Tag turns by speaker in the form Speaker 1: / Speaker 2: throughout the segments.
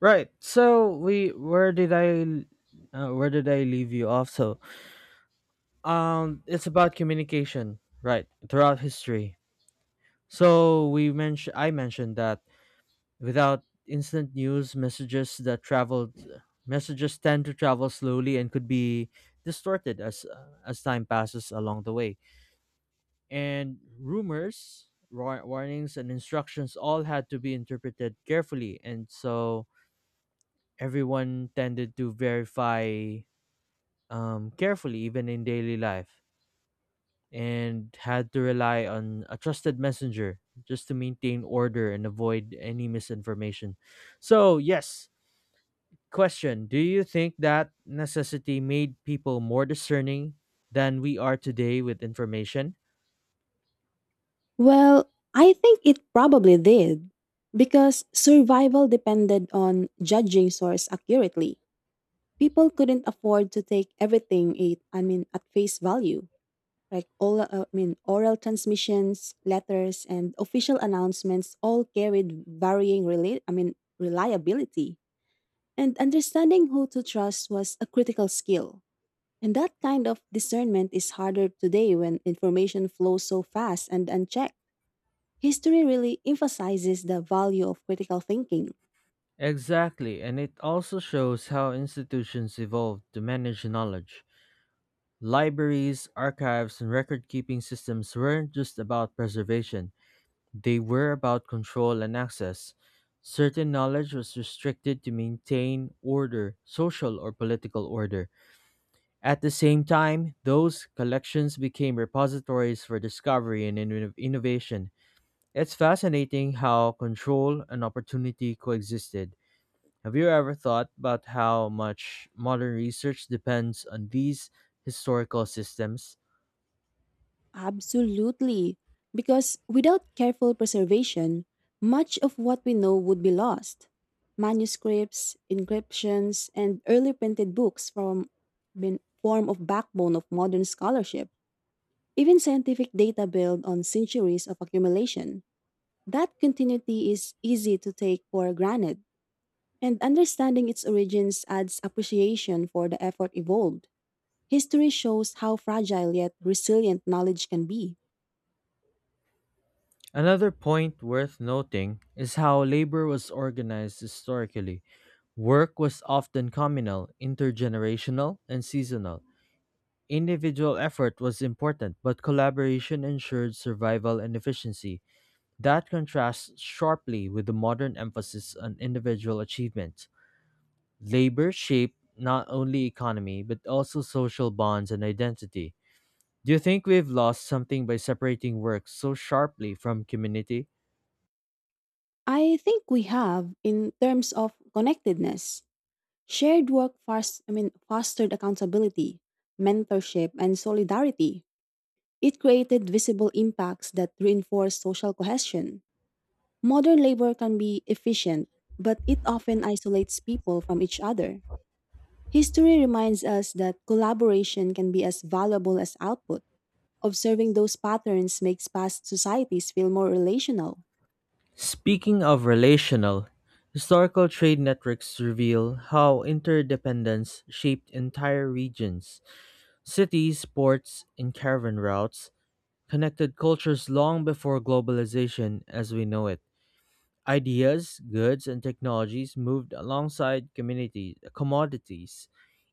Speaker 1: Right. So we where did I l- where did I leave you off? It's about communication, right? Throughout history. So we mentioned I mentioned that without instant news, messages tend to travel slowly and could be distorted as time passes along the way. And rumors, warnings, and instructions all had to be interpreted carefully, and so everyone tended to verify carefully, even in daily life, and had to rely on a trusted messenger just to maintain order and avoid any misinformation. So, yes, question: Do you think that necessity made people more discerning than we are today with information?
Speaker 2: Well, I think it probably did, because survival depended on judging source accurately. People couldn't afford to take everything at face value. Like oral transmissions, letters, and official announcements all carried varying, reliability. And understanding who to trust was a critical skill. And that kind of discernment is harder today when information flows so fast and unchecked. History really emphasizes the value of critical thinking.
Speaker 1: Exactly, and it also shows how institutions evolved to manage knowledge. Libraries, archives, and record keeping systems weren't just about preservation, they were about control and access. Certain knowledge was restricted to maintain order, social or political order. At the same time, those collections became repositories for discovery and innovation. It's fascinating how control and opportunity coexisted. Have you ever thought about how much modern research depends on these historical systems?
Speaker 2: Absolutely. Because without careful preservation, much of what we know would be lost. Manuscripts, encryptions, and early printed books from been form of backbone of modern scholarship. Even scientific data built on centuries of accumulation. That continuity is easy to take for granted, and understanding its origins adds appreciation for the effort involved. History shows how fragile yet resilient knowledge can be.
Speaker 1: Another point worth noting is how labor was organized historically. Work was often communal, intergenerational, and seasonal. Individual effort was important, but collaboration ensured survival and efficiency. That contrasts sharply with the modern emphasis on individual achievement. Labor shaped not only economy, but also social bonds and identity. Do you think we've lost something by separating work so sharply from community?
Speaker 2: I think we have in terms of connectedness. Shared work fostered accountability, mentorship, and solidarity. It created visible impacts that reinforce social cohesion. Modern labor can be efficient, but it often isolates people from each other. History reminds us that collaboration can be as valuable as output. Observing those patterns makes past societies feel more relational.
Speaker 1: Speaking of relational, historical trade networks reveal how interdependence shaped entire regions. Cities, ports, and caravan routes connected cultures long before globalization as we know it. Ideas, goods, and technologies moved alongside community commodities.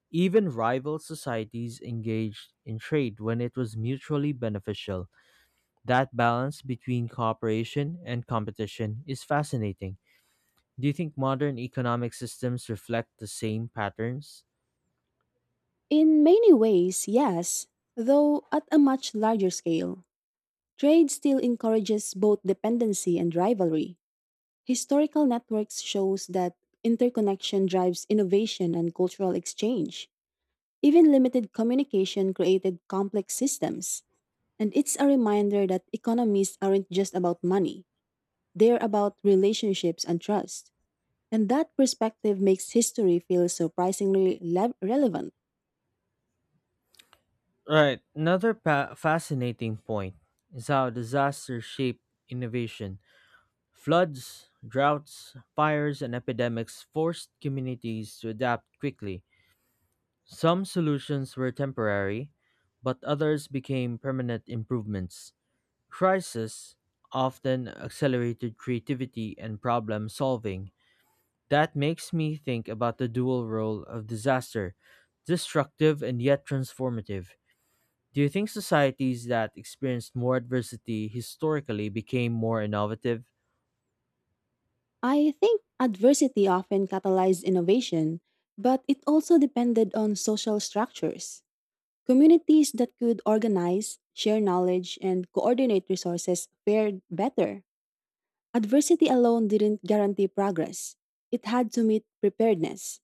Speaker 1: Even rival societies engaged in trade when it was mutually beneficial. That balance between cooperation and competition is fascinating. Do you think modern economic systems reflect the same patterns?
Speaker 2: In many ways, yes, though at a much larger scale. Trade still encourages both dependency and rivalry. Historical networks shows that interconnection drives innovation and cultural exchange. Even limited communication created complex systems. And it's a reminder that economies aren't just about money. They're about relationships and trust. And that perspective makes history feel relevant.
Speaker 1: Right. Another fascinating point is how disasters shape innovation. Floods, droughts, fires, and epidemics forced communities to adapt quickly. Some solutions were temporary, but others became permanent improvements. Crises often accelerated creativity and problem solving. That makes me think about the dual role of disaster: destructive and yet transformative. Do you think societies that experienced more adversity historically became more innovative?
Speaker 2: I think adversity often catalyzed innovation, but it also depended on social structures. Communities that could organize, share knowledge, and coordinate resources fared better. Adversity alone didn't guarantee progress, it had to meet preparedness.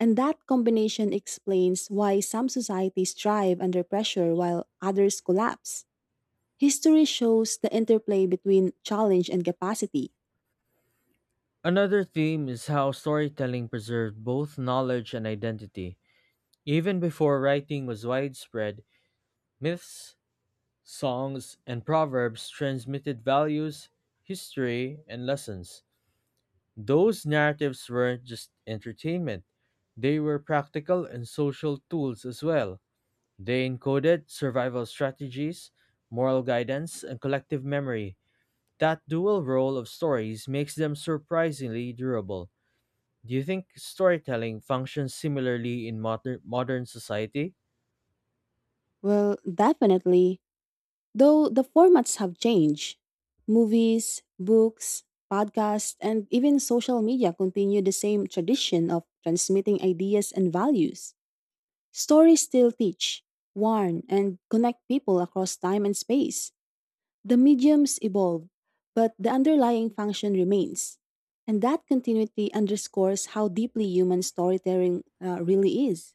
Speaker 2: And that combination explains why some societies thrive under pressure while others collapse. History shows the interplay between challenge and capacity.
Speaker 1: Another theme is how storytelling preserved both knowledge and identity. Even before writing was widespread, myths, songs, and proverbs transmitted values, history, and lessons. Those narratives weren't just entertainment, they were practical and social tools as well. They encoded survival strategies, moral guidance, and collective memory. That dual role of stories makes them surprisingly durable. Do you think storytelling functions similarly in modern society?
Speaker 2: Well, definitely, though the formats have changed. Movies, books, podcasts, and even social media continue the same tradition of transmitting ideas and values. Stories still teach, warn, and connect people across time and space. The mediums evolve, but the underlying function remains. And that continuity underscores how deeply human storytelling really is.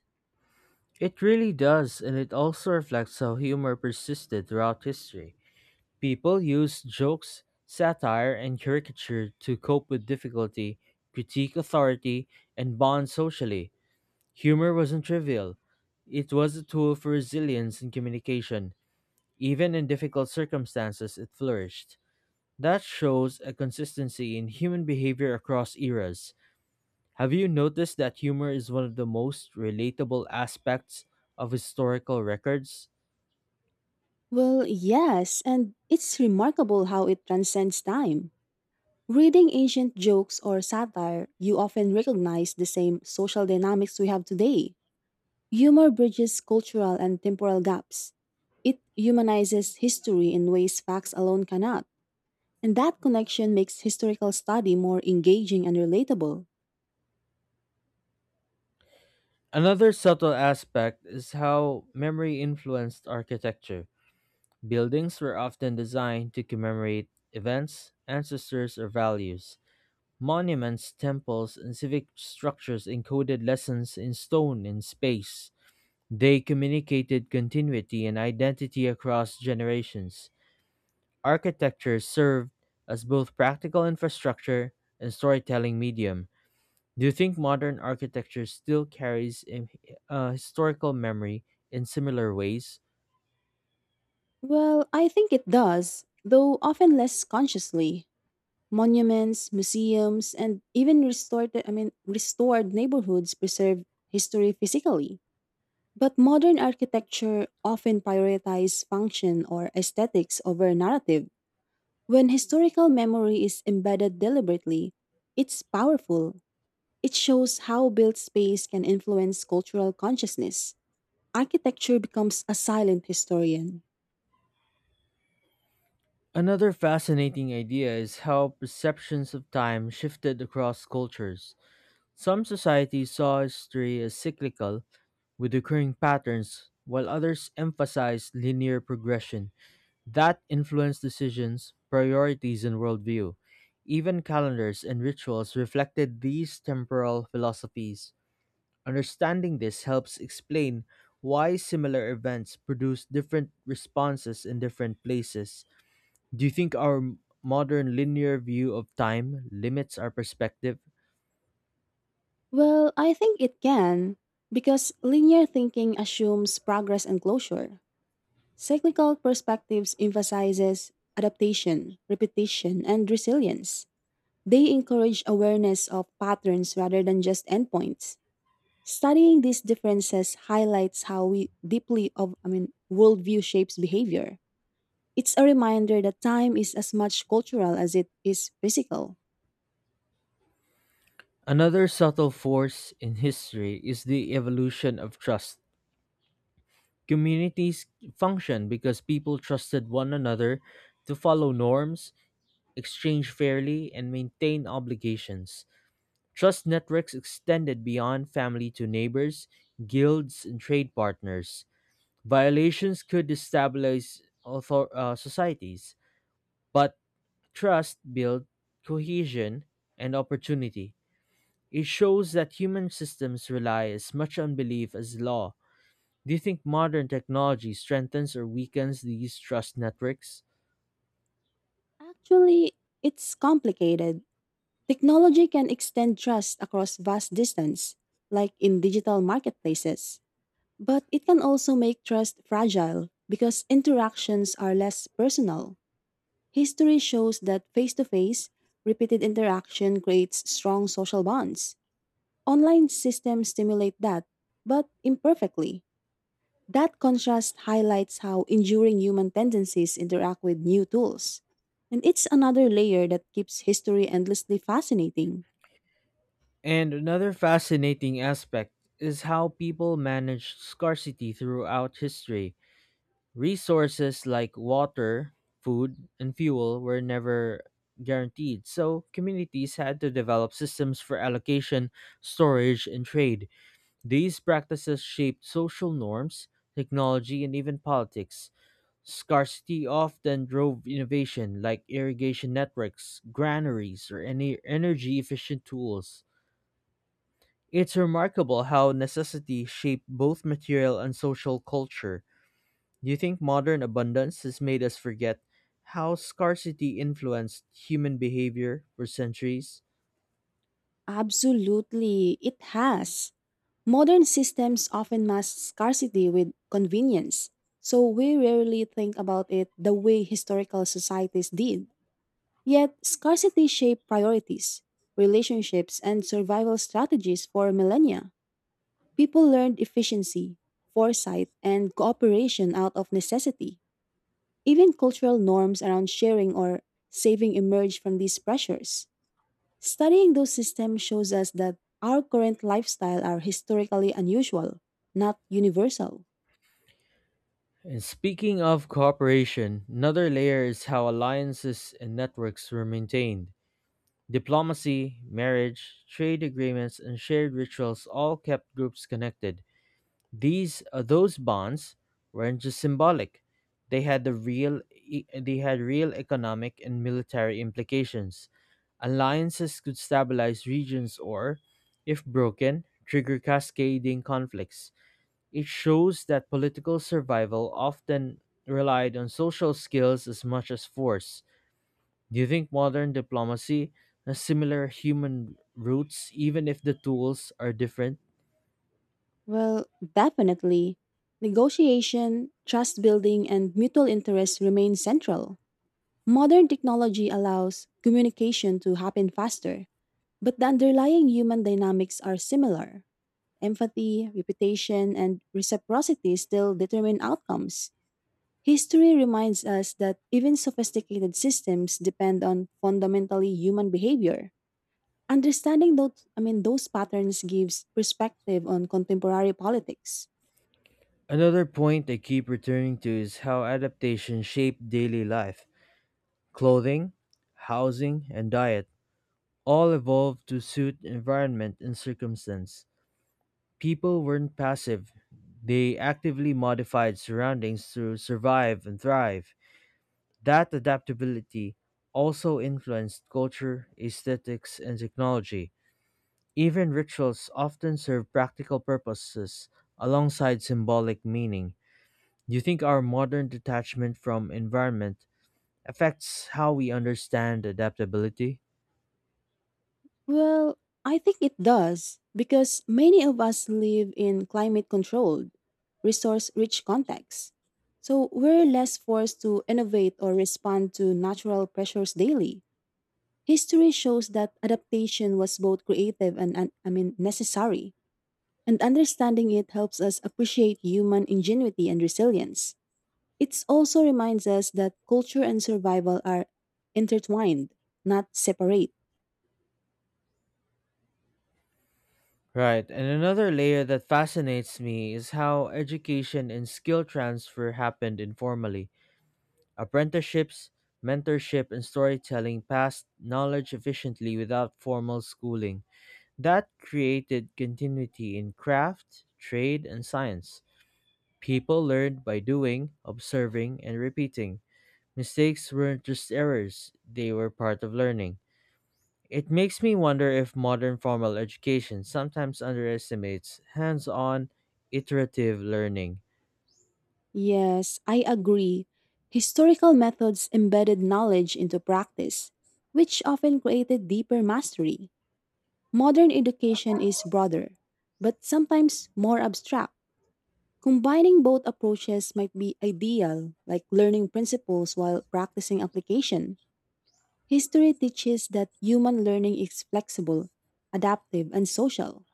Speaker 1: It really does, and it also reflects how humor persisted throughout history. People use jokes, satire, and caricature to cope with difficulty, critique authority, and bond socially. Humor wasn't trivial. It was a tool for resilience and communication. Even in difficult circumstances, it flourished. That shows a consistency in human behavior across eras. Have you noticed that humor is one of the most relatable aspects of historical records?
Speaker 2: Well, yes, and it's remarkable how it transcends time. Reading ancient jokes or satire, you often recognize the same social dynamics we have today. Humor bridges cultural and temporal gaps. It humanizes history in ways facts alone cannot, and that connection makes historical study more engaging and relatable.
Speaker 1: Another subtle aspect is how memory influenced architecture. Buildings were often designed to commemorate events, ancestors, or values. Monuments, temples, and civic structures encoded lessons in stone and space. They communicated continuity and identity across generations. Architecture served as both practical infrastructure and storytelling medium. Do you think modern architecture still carries a historical memory in similar ways?
Speaker 2: Well, I think it does, though often less consciously. Monuments, museums, and even restored neighborhoods preserve history physically. But modern architecture often prioritizes function or aesthetics over narrative. When historical memory is embedded deliberately, it's powerful. It shows how built space can influence cultural consciousness. Architecture becomes a silent historian.
Speaker 1: Another fascinating idea is how perceptions of time shifted across cultures. Some societies saw history as cyclical, with recurring patterns, while others emphasized linear progression. That influenced decisions, priorities, and worldview. Even calendars and rituals reflected these temporal philosophies. Understanding this helps explain why similar events produce different responses in different places. Do you think our modern linear view of time limits our perspective?
Speaker 2: Well, I think it can, because linear thinking assumes progress and closure. Cyclical perspectives emphasizes adaptation, repetition, and resilience. They encourage awareness of patterns rather than just endpoints. Studying these differences highlights how we deeply of I mean worldview shapes behavior. It's a reminder that time is as much cultural as it is physical.
Speaker 1: Another subtle force in history is the evolution of trust. Communities function because people trusted one another to follow norms, exchange fairly, and maintain obligations. Trust networks extended beyond family to neighbors, guilds, and trade partners. Violations could destabilize societies, but trust built cohesion and opportunity. It shows that human systems rely as much on belief as law. Do you think modern technology strengthens or weakens these trust networks?
Speaker 2: Actually, it's complicated. Technology can extend trust across vast distance, like in digital marketplaces. But it can also make trust fragile because interactions are less personal. History shows that face to face, repeated interaction creates strong social bonds. Online systems stimulate that, but imperfectly. That contrast highlights how enduring human tendencies interact with new tools. And it's another layer that keeps history endlessly fascinating.
Speaker 1: And another fascinating aspect is how people managed scarcity throughout history. Resources like water, food, and fuel were never guaranteed, so communities had to develop systems for allocation, storage, and trade. These practices shaped social norms, technology, and even politics. Scarcity often drove innovation like irrigation networks, granaries, or any energy efficient tools. It's remarkable how necessity shaped both material and social culture. Do you think modern abundance has made us forget how scarcity influenced human behavior for centuries?
Speaker 2: Absolutely, it has. Modern systems often mask scarcity with convenience, so we rarely think about it the way historical societies did. Yet, scarcity shaped priorities, relationships, and survival strategies for millennia. People learned efficiency, foresight, and cooperation out of necessity. Even cultural norms around sharing or saving emerged from these pressures. Studying those systems shows us that our current lifestyle are historically unusual, not universal.
Speaker 1: And speaking of cooperation, another layer is how alliances and networks were maintained. Diplomacy, marriage, trade agreements, and shared rituals all kept groups connected. These those bonds weren't just symbolic; they had real economic and military implications. Alliances could stabilize regions or, if broken, trigger cascading conflicts. It shows that political survival often relied on social skills as much as force. Do you think modern diplomacy has similar human roots, even if the tools are different?
Speaker 2: Well, definitely. Negotiation, trust building, and mutual interest remain central. Modern technology allows communication to happen faster, but the underlying human dynamics are similar. Empathy, reputation, and reciprocity still determine outcomes. History reminds us that even sophisticated systems depend on fundamentally human behavior. Understanding those patterns gives perspective on contemporary politics.
Speaker 1: Another point I keep returning to is how adaptation shaped daily life. Clothing, housing, and diet all evolved to suit environment and circumstance. People weren't passive, they actively modified surroundings to survive and thrive. That adaptability also influenced culture, aesthetics, and technology. Even rituals often serve practical purposes alongside symbolic meaning. Do you think our modern detachment from environment affects how we understand adaptability?
Speaker 2: Well, I think it does because many of us live in climate-controlled, resource-rich contexts. So we're less forced to innovate or respond to natural pressures daily. History shows that adaptation was both creative and necessary. And understanding it helps us appreciate human ingenuity and resilience. It also reminds us that culture and survival are intertwined, not separate.
Speaker 1: Right, and another layer that fascinates me is how education and skill transfer happened informally. Apprenticeships, mentorship, and storytelling passed knowledge efficiently without formal schooling. That created continuity in craft, trade, and science. People learned by doing, observing, and repeating. Mistakes weren't just errors, they were part of learning. It makes me wonder if modern formal education sometimes underestimates hands on, iterative learning.
Speaker 2: Yes, I agree. Historical methods embedded knowledge into practice, which often created deeper mastery. Modern education is broader, but sometimes more abstract. Combining both approaches might be ideal, like learning principles while practicing application. History teaches that human learning is flexible, adaptive, and social,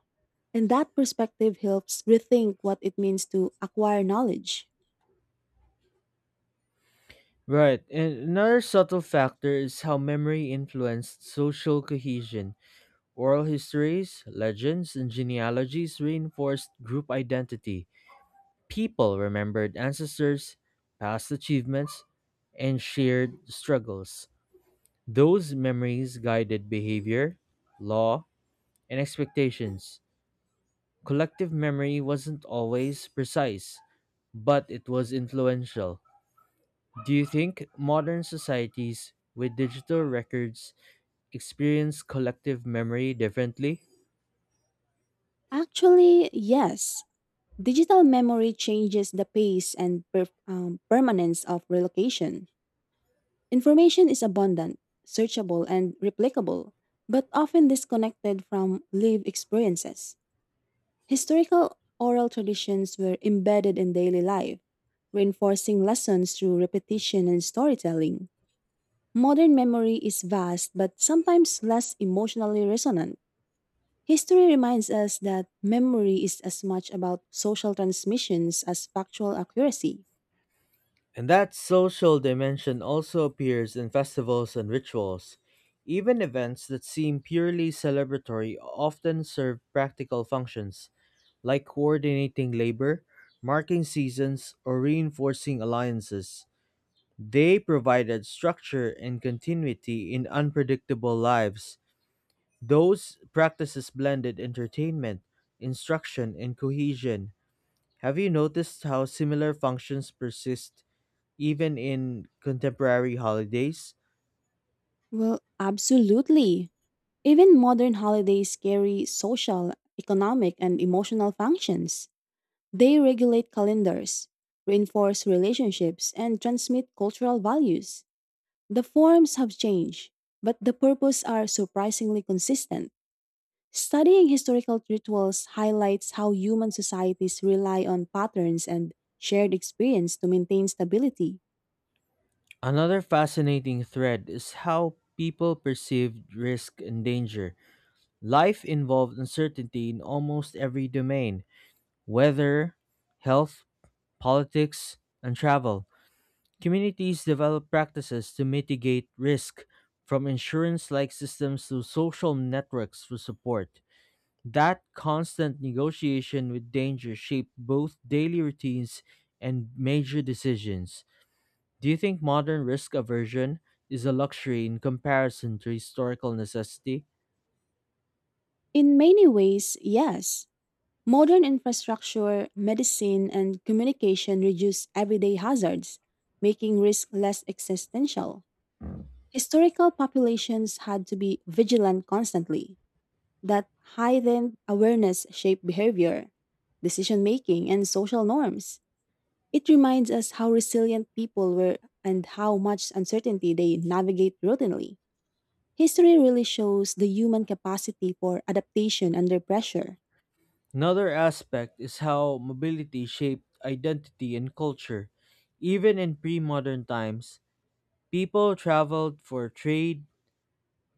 Speaker 2: and that perspective helps rethink what it means to acquire knowledge.
Speaker 1: Right, and another subtle factor is how memory influenced social cohesion. Oral histories, legends, and genealogies reinforced group identity. People remembered ancestors, past achievements, and shared struggles. Those memories guided behavior, law, and expectations. Collective memory wasn't always precise, but it was influential. Do you think modern societies with digital records experience collective memory differently?
Speaker 2: Actually, yes, digital memory changes the pace and permanence of relocation. Information is abundant, searchable, and replicable, but often disconnected from lived experiences. Historical oral traditions were embedded in daily life, reinforcing lessons through repetition and storytelling. Modern memory is vast but sometimes less emotionally resonant. History reminds us that memory is as much about social transmissions as factual accuracy.
Speaker 1: And that social dimension also appears in festivals and rituals. Even events that seem purely celebratory often serve practical functions, like coordinating labor, marking seasons, or reinforcing alliances. They provided structure and continuity in unpredictable lives. Those practices blended entertainment, instruction, and cohesion. Have you noticed how similar functions persist even in contemporary holidays?
Speaker 2: Well, absolutely. Even modern holidays carry social, economic, and emotional functions. They regulate calendars, reinforce relationships, and transmit cultural values. The forms have changed, but the purpose are surprisingly consistent. Studying historical rituals highlights how human societies rely on patterns and shared experience to maintain stability.
Speaker 1: Another fascinating thread is how people perceive risk and danger. Life involved uncertainty in almost every domain: weather, health, politics, and travel. Communities develop practices to mitigate risk, from insurance like systems to social networks for support. That constant negotiation with danger shaped both daily routines and major decisions. Do you think modern risk aversion is a luxury in comparison to historical necessity?
Speaker 2: In many ways, yes. Modern infrastructure, medicine, and communication reduce everyday hazards, making risk less existential. Historical populations had to be vigilant constantly. That heightened awareness shaped behavior, decision making, and social norms. It reminds us how resilient people were and how much uncertainty they navigate routinely. History really shows the human capacity for adaptation under pressure.
Speaker 1: Another aspect is how mobility shaped identity and culture. Even in pre modern times, people traveled for trade,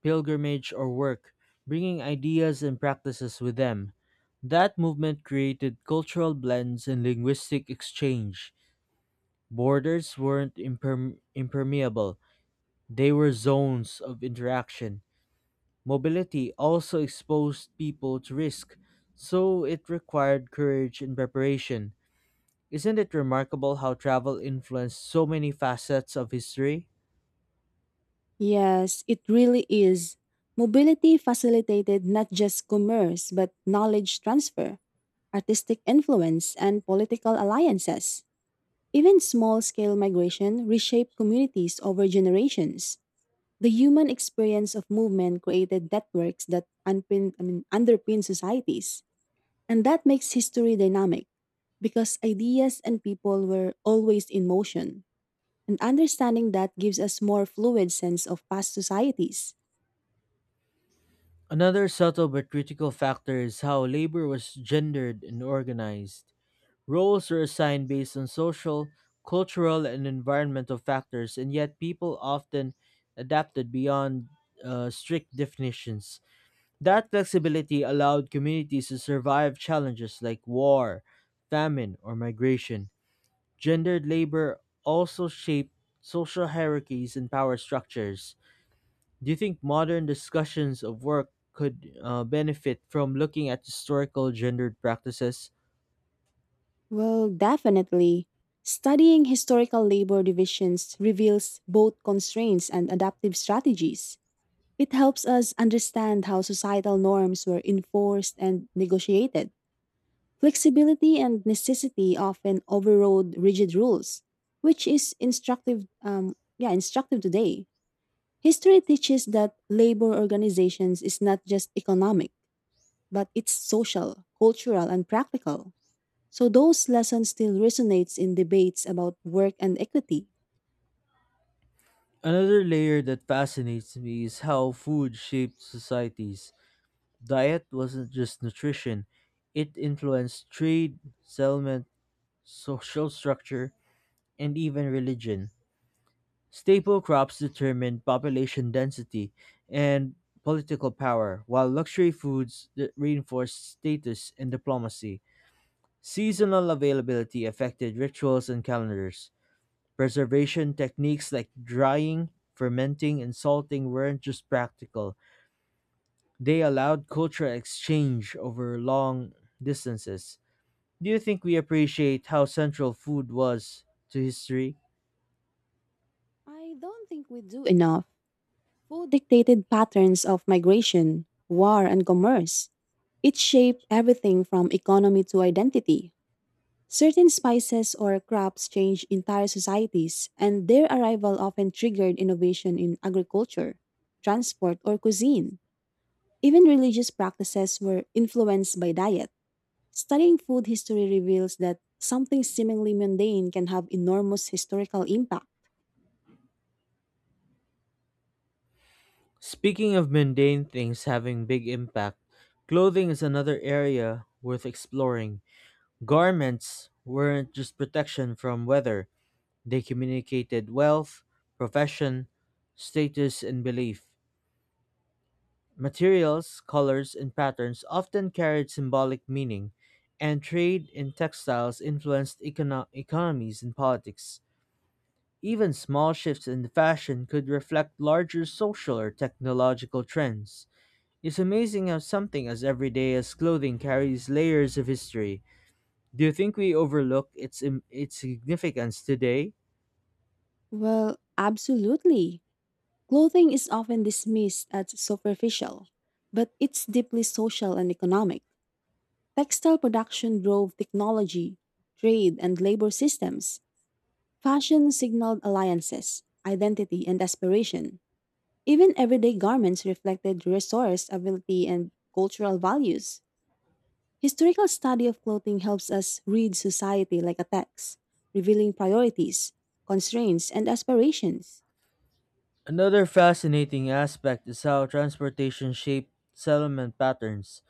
Speaker 1: pilgrimage, or work, bringing ideas and practices with them. That movement created cultural blends and linguistic exchange. Borders weren't impermeable, they were zones of interaction. Mobility also exposed people to risk, so it required courage and preparation. Isn't it remarkable how travel influenced so many facets of history?
Speaker 2: Yes, it really is. Mobility facilitated not just commerce but knowledge transfer, artistic influence, and political alliances. Even small scale migration reshaped communities over generations. The human experience of movement created networks that underpin societies. And that makes history dynamic because ideas and people were always in motion. And understanding that gives us more fluid sense of past societies.
Speaker 1: Another subtle but critical factor is how labor was gendered and organized. Roles are assigned based on social, cultural, and environmental factors, and yet people often adapted beyond strict definitions. That flexibility allowed communities to survive challenges like war, famine, or migration. Gendered labor also shaped social hierarchies and power structures. Do you think modern discussions of work could benefit from looking at historical gendered practices?
Speaker 2: Well, definitely. Studying historical labor divisions reveals both constraints and adaptive strategies. It helps us understand how societal norms were enforced and negotiated. Flexibility and necessity often overrode rigid rules, which is instructive. Yeah, instructive today. History teaches that labor organizations is not just economic, but it's social, cultural, and practical. So those lessons still resonates in debates about work and equity.
Speaker 1: Another layer that fascinates me is how food shaped societies. Diet wasn't just nutrition, it influenced trade, settlement, social structure, and even religion. Staple crops determined population density and political power, while luxury foods that reinforced status and diplomacy. Seasonal availability affected rituals and calendars. Preservation techniques like drying, fermenting, and salting weren't just practical, they allowed cultural exchange over long distances. Do you think we appreciate how central food was to history?
Speaker 2: I don't think we do enough Food dictated patterns of migration, war, and commerce. It shaped everything from economy to identity. Certain spices or crops changed entire societies, and their arrival often triggered innovation in agriculture, transport, or cuisine. Even religious practices were influenced by diet. Studying food history reveals that something seemingly mundane can have enormous historical impact.
Speaker 1: Speaking of mundane things having big impact, clothing is another area worth exploring. Garments weren't just protection from weather, they communicated wealth, profession, status, and belief. Materials, colors, and patterns often carried symbolic meaning, and trade in textiles influenced economies and politics. Even small shifts in the fashion could reflect larger social or technological trends. It's amazing how something as everyday as clothing carries layers of history. Do you think we overlook its significance today?
Speaker 2: Well, absolutely. Clothing is often dismissed as superficial, but it's deeply social and economic. Textile production drove technology, trade, and labor systems. Fashion signaled alliances, identity, and aspiration. Even everyday garments reflected resource, ability, and cultural values. Historical study of clothing helps us read society like a text, revealing priorities, constraints, and aspirations.
Speaker 1: Another fascinating aspect is how transportation shaped settlement patterns.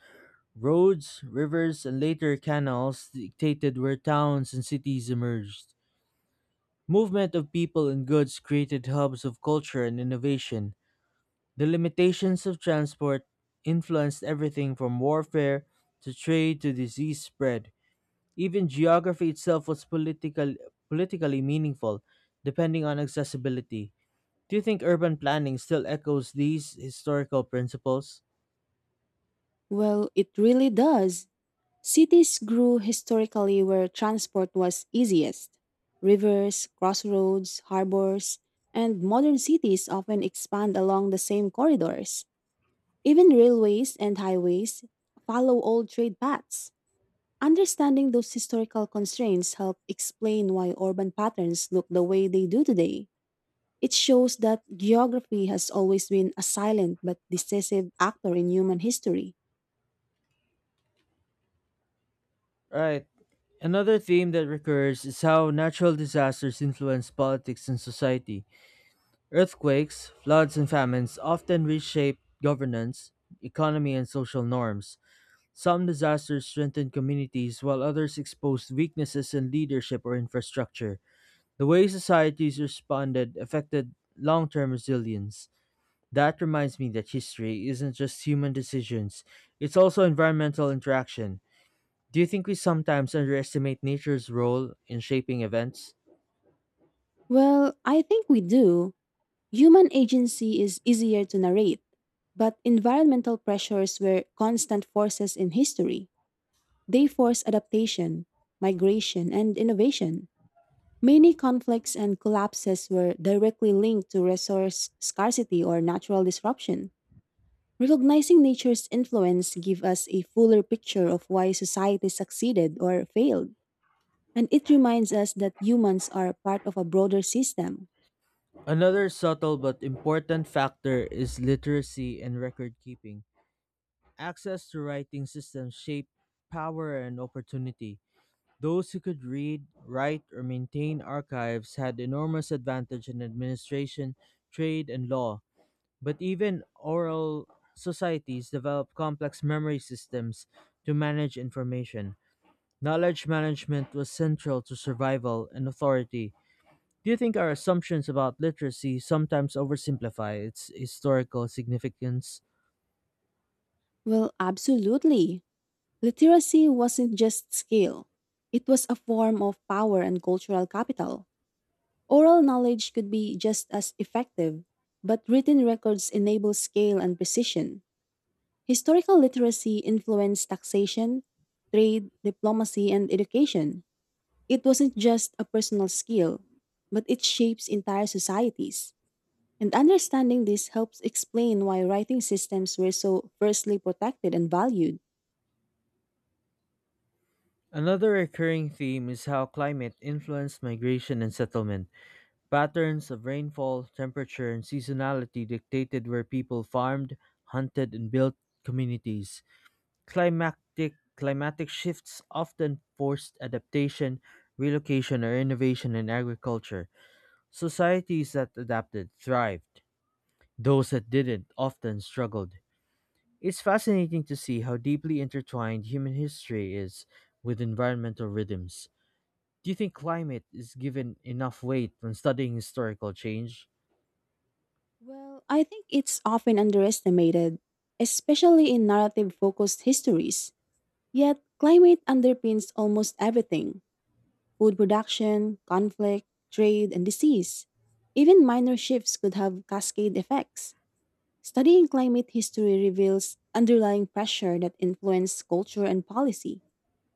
Speaker 1: Roads, rivers, and later canals dictated where towns and cities emerged. Movement of people and goods created hubs of culture and innovation. The limitations of transport influenced everything from warfare to trade to disease spread. Even geography itself was politically meaningful, depending on accessibility. Do you think urban planning still echoes these historical principles?
Speaker 2: Well, it really does. Cities grew historically where transport was easiest. Rivers, crossroads, harbors, and modern cities often expand along the same corridors. Even railways and highways follow old trade paths. Understanding those historical constraints help explain why urban patterns look the way they do today. It shows that geography has always been a silent but decisive actor in human history.
Speaker 1: Right. Another theme that recurs is how natural disasters influence politics and society. Earthquakes, floods, and famines often reshape governance, economy, and social norms. Some disasters strengthen communities, while others expose weaknesses in leadership or infrastructure. The way societies responded affected long term resilience. That reminds me that history isn't just human decisions, it's also environmental interaction. Do you think we sometimes underestimate nature's role in shaping events?
Speaker 2: Well, I think we do. Human agency is easier to narrate, but environmental pressures were constant forces in history. They force adaptation, migration, and innovation. Many conflicts and collapses were directly linked to resource scarcity or natural disruption. Recognizing nature's influence gives us a fuller picture of why society succeeded or failed, and it reminds us that humans are part of a broader system.
Speaker 1: Another subtle but important factor is literacy and record keeping. Access to writing systems shape power and opportunity. Those who could read, write, or maintain archives had enormous advantage in administration, trade, and law. But even oral societies developed complex memory systems to manage information. Knowledge management was central to survival and authority. Do you think our assumptions about literacy sometimes oversimplify its historical significance?
Speaker 2: Well, absolutely. Literacy wasn't just skill, it was a form of power and cultural capital. Oral knowledge could be just as effective, but written records enable scale and precision. Historical literacy influenced taxation, trade, diplomacy, and education. It wasn't just a personal skill, but it shapes entire societies. And understanding this helps explain why writing systems were so firstly protected and valued.
Speaker 1: Another recurring theme is how climate influenced migration and settlement. Patterns of rainfall, temperature, and seasonality dictated where people farmed, hunted, and built communities. Climatic shifts often forced adaptation, relocation, or innovation in agriculture. Societies that adapted thrived. Those that didn't often struggled. It's fascinating to see how deeply intertwined human history is with environmental rhythms. Do you think climate is given enough weight when studying historical change?
Speaker 2: Well, I think it's often underestimated, especially in narrative focused histories. Yet, climate underpins almost everything food production, conflict, trade, and disease. Even minor shifts could have cascade effects. Studying climate history reveals underlying pressure that influence culture and policy.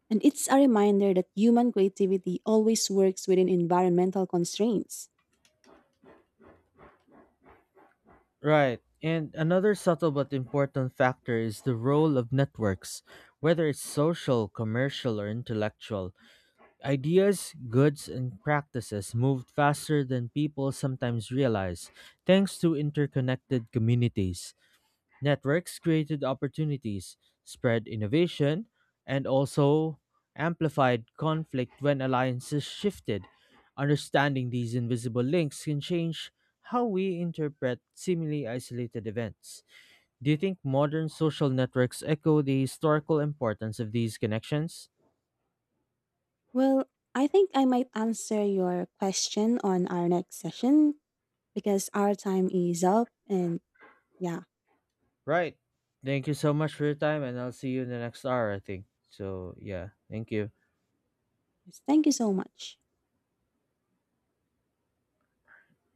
Speaker 2: And it's a reminder that human creativity always works within environmental constraints.
Speaker 1: Right. And another subtle but important factor is the role of networks, whether it's social, commercial, or intellectual. Ideas, goods, and practices moved faster than people sometimes realize, thanks to interconnected communities. Networks created opportunities, spread innovation, and also amplified conflict when alliances shifted. Understanding these invisible links can change how we interpret seemingly isolated events. Do you think modern social networks echo the historical importance of these connections?
Speaker 2: Well, I think I might answer your question on our next session because our time is up. And yeah,
Speaker 1: Right. Thank you so much for your time, and I'll see you in the next hour, I think. So, yeah. Thank you.
Speaker 2: just thank you so much.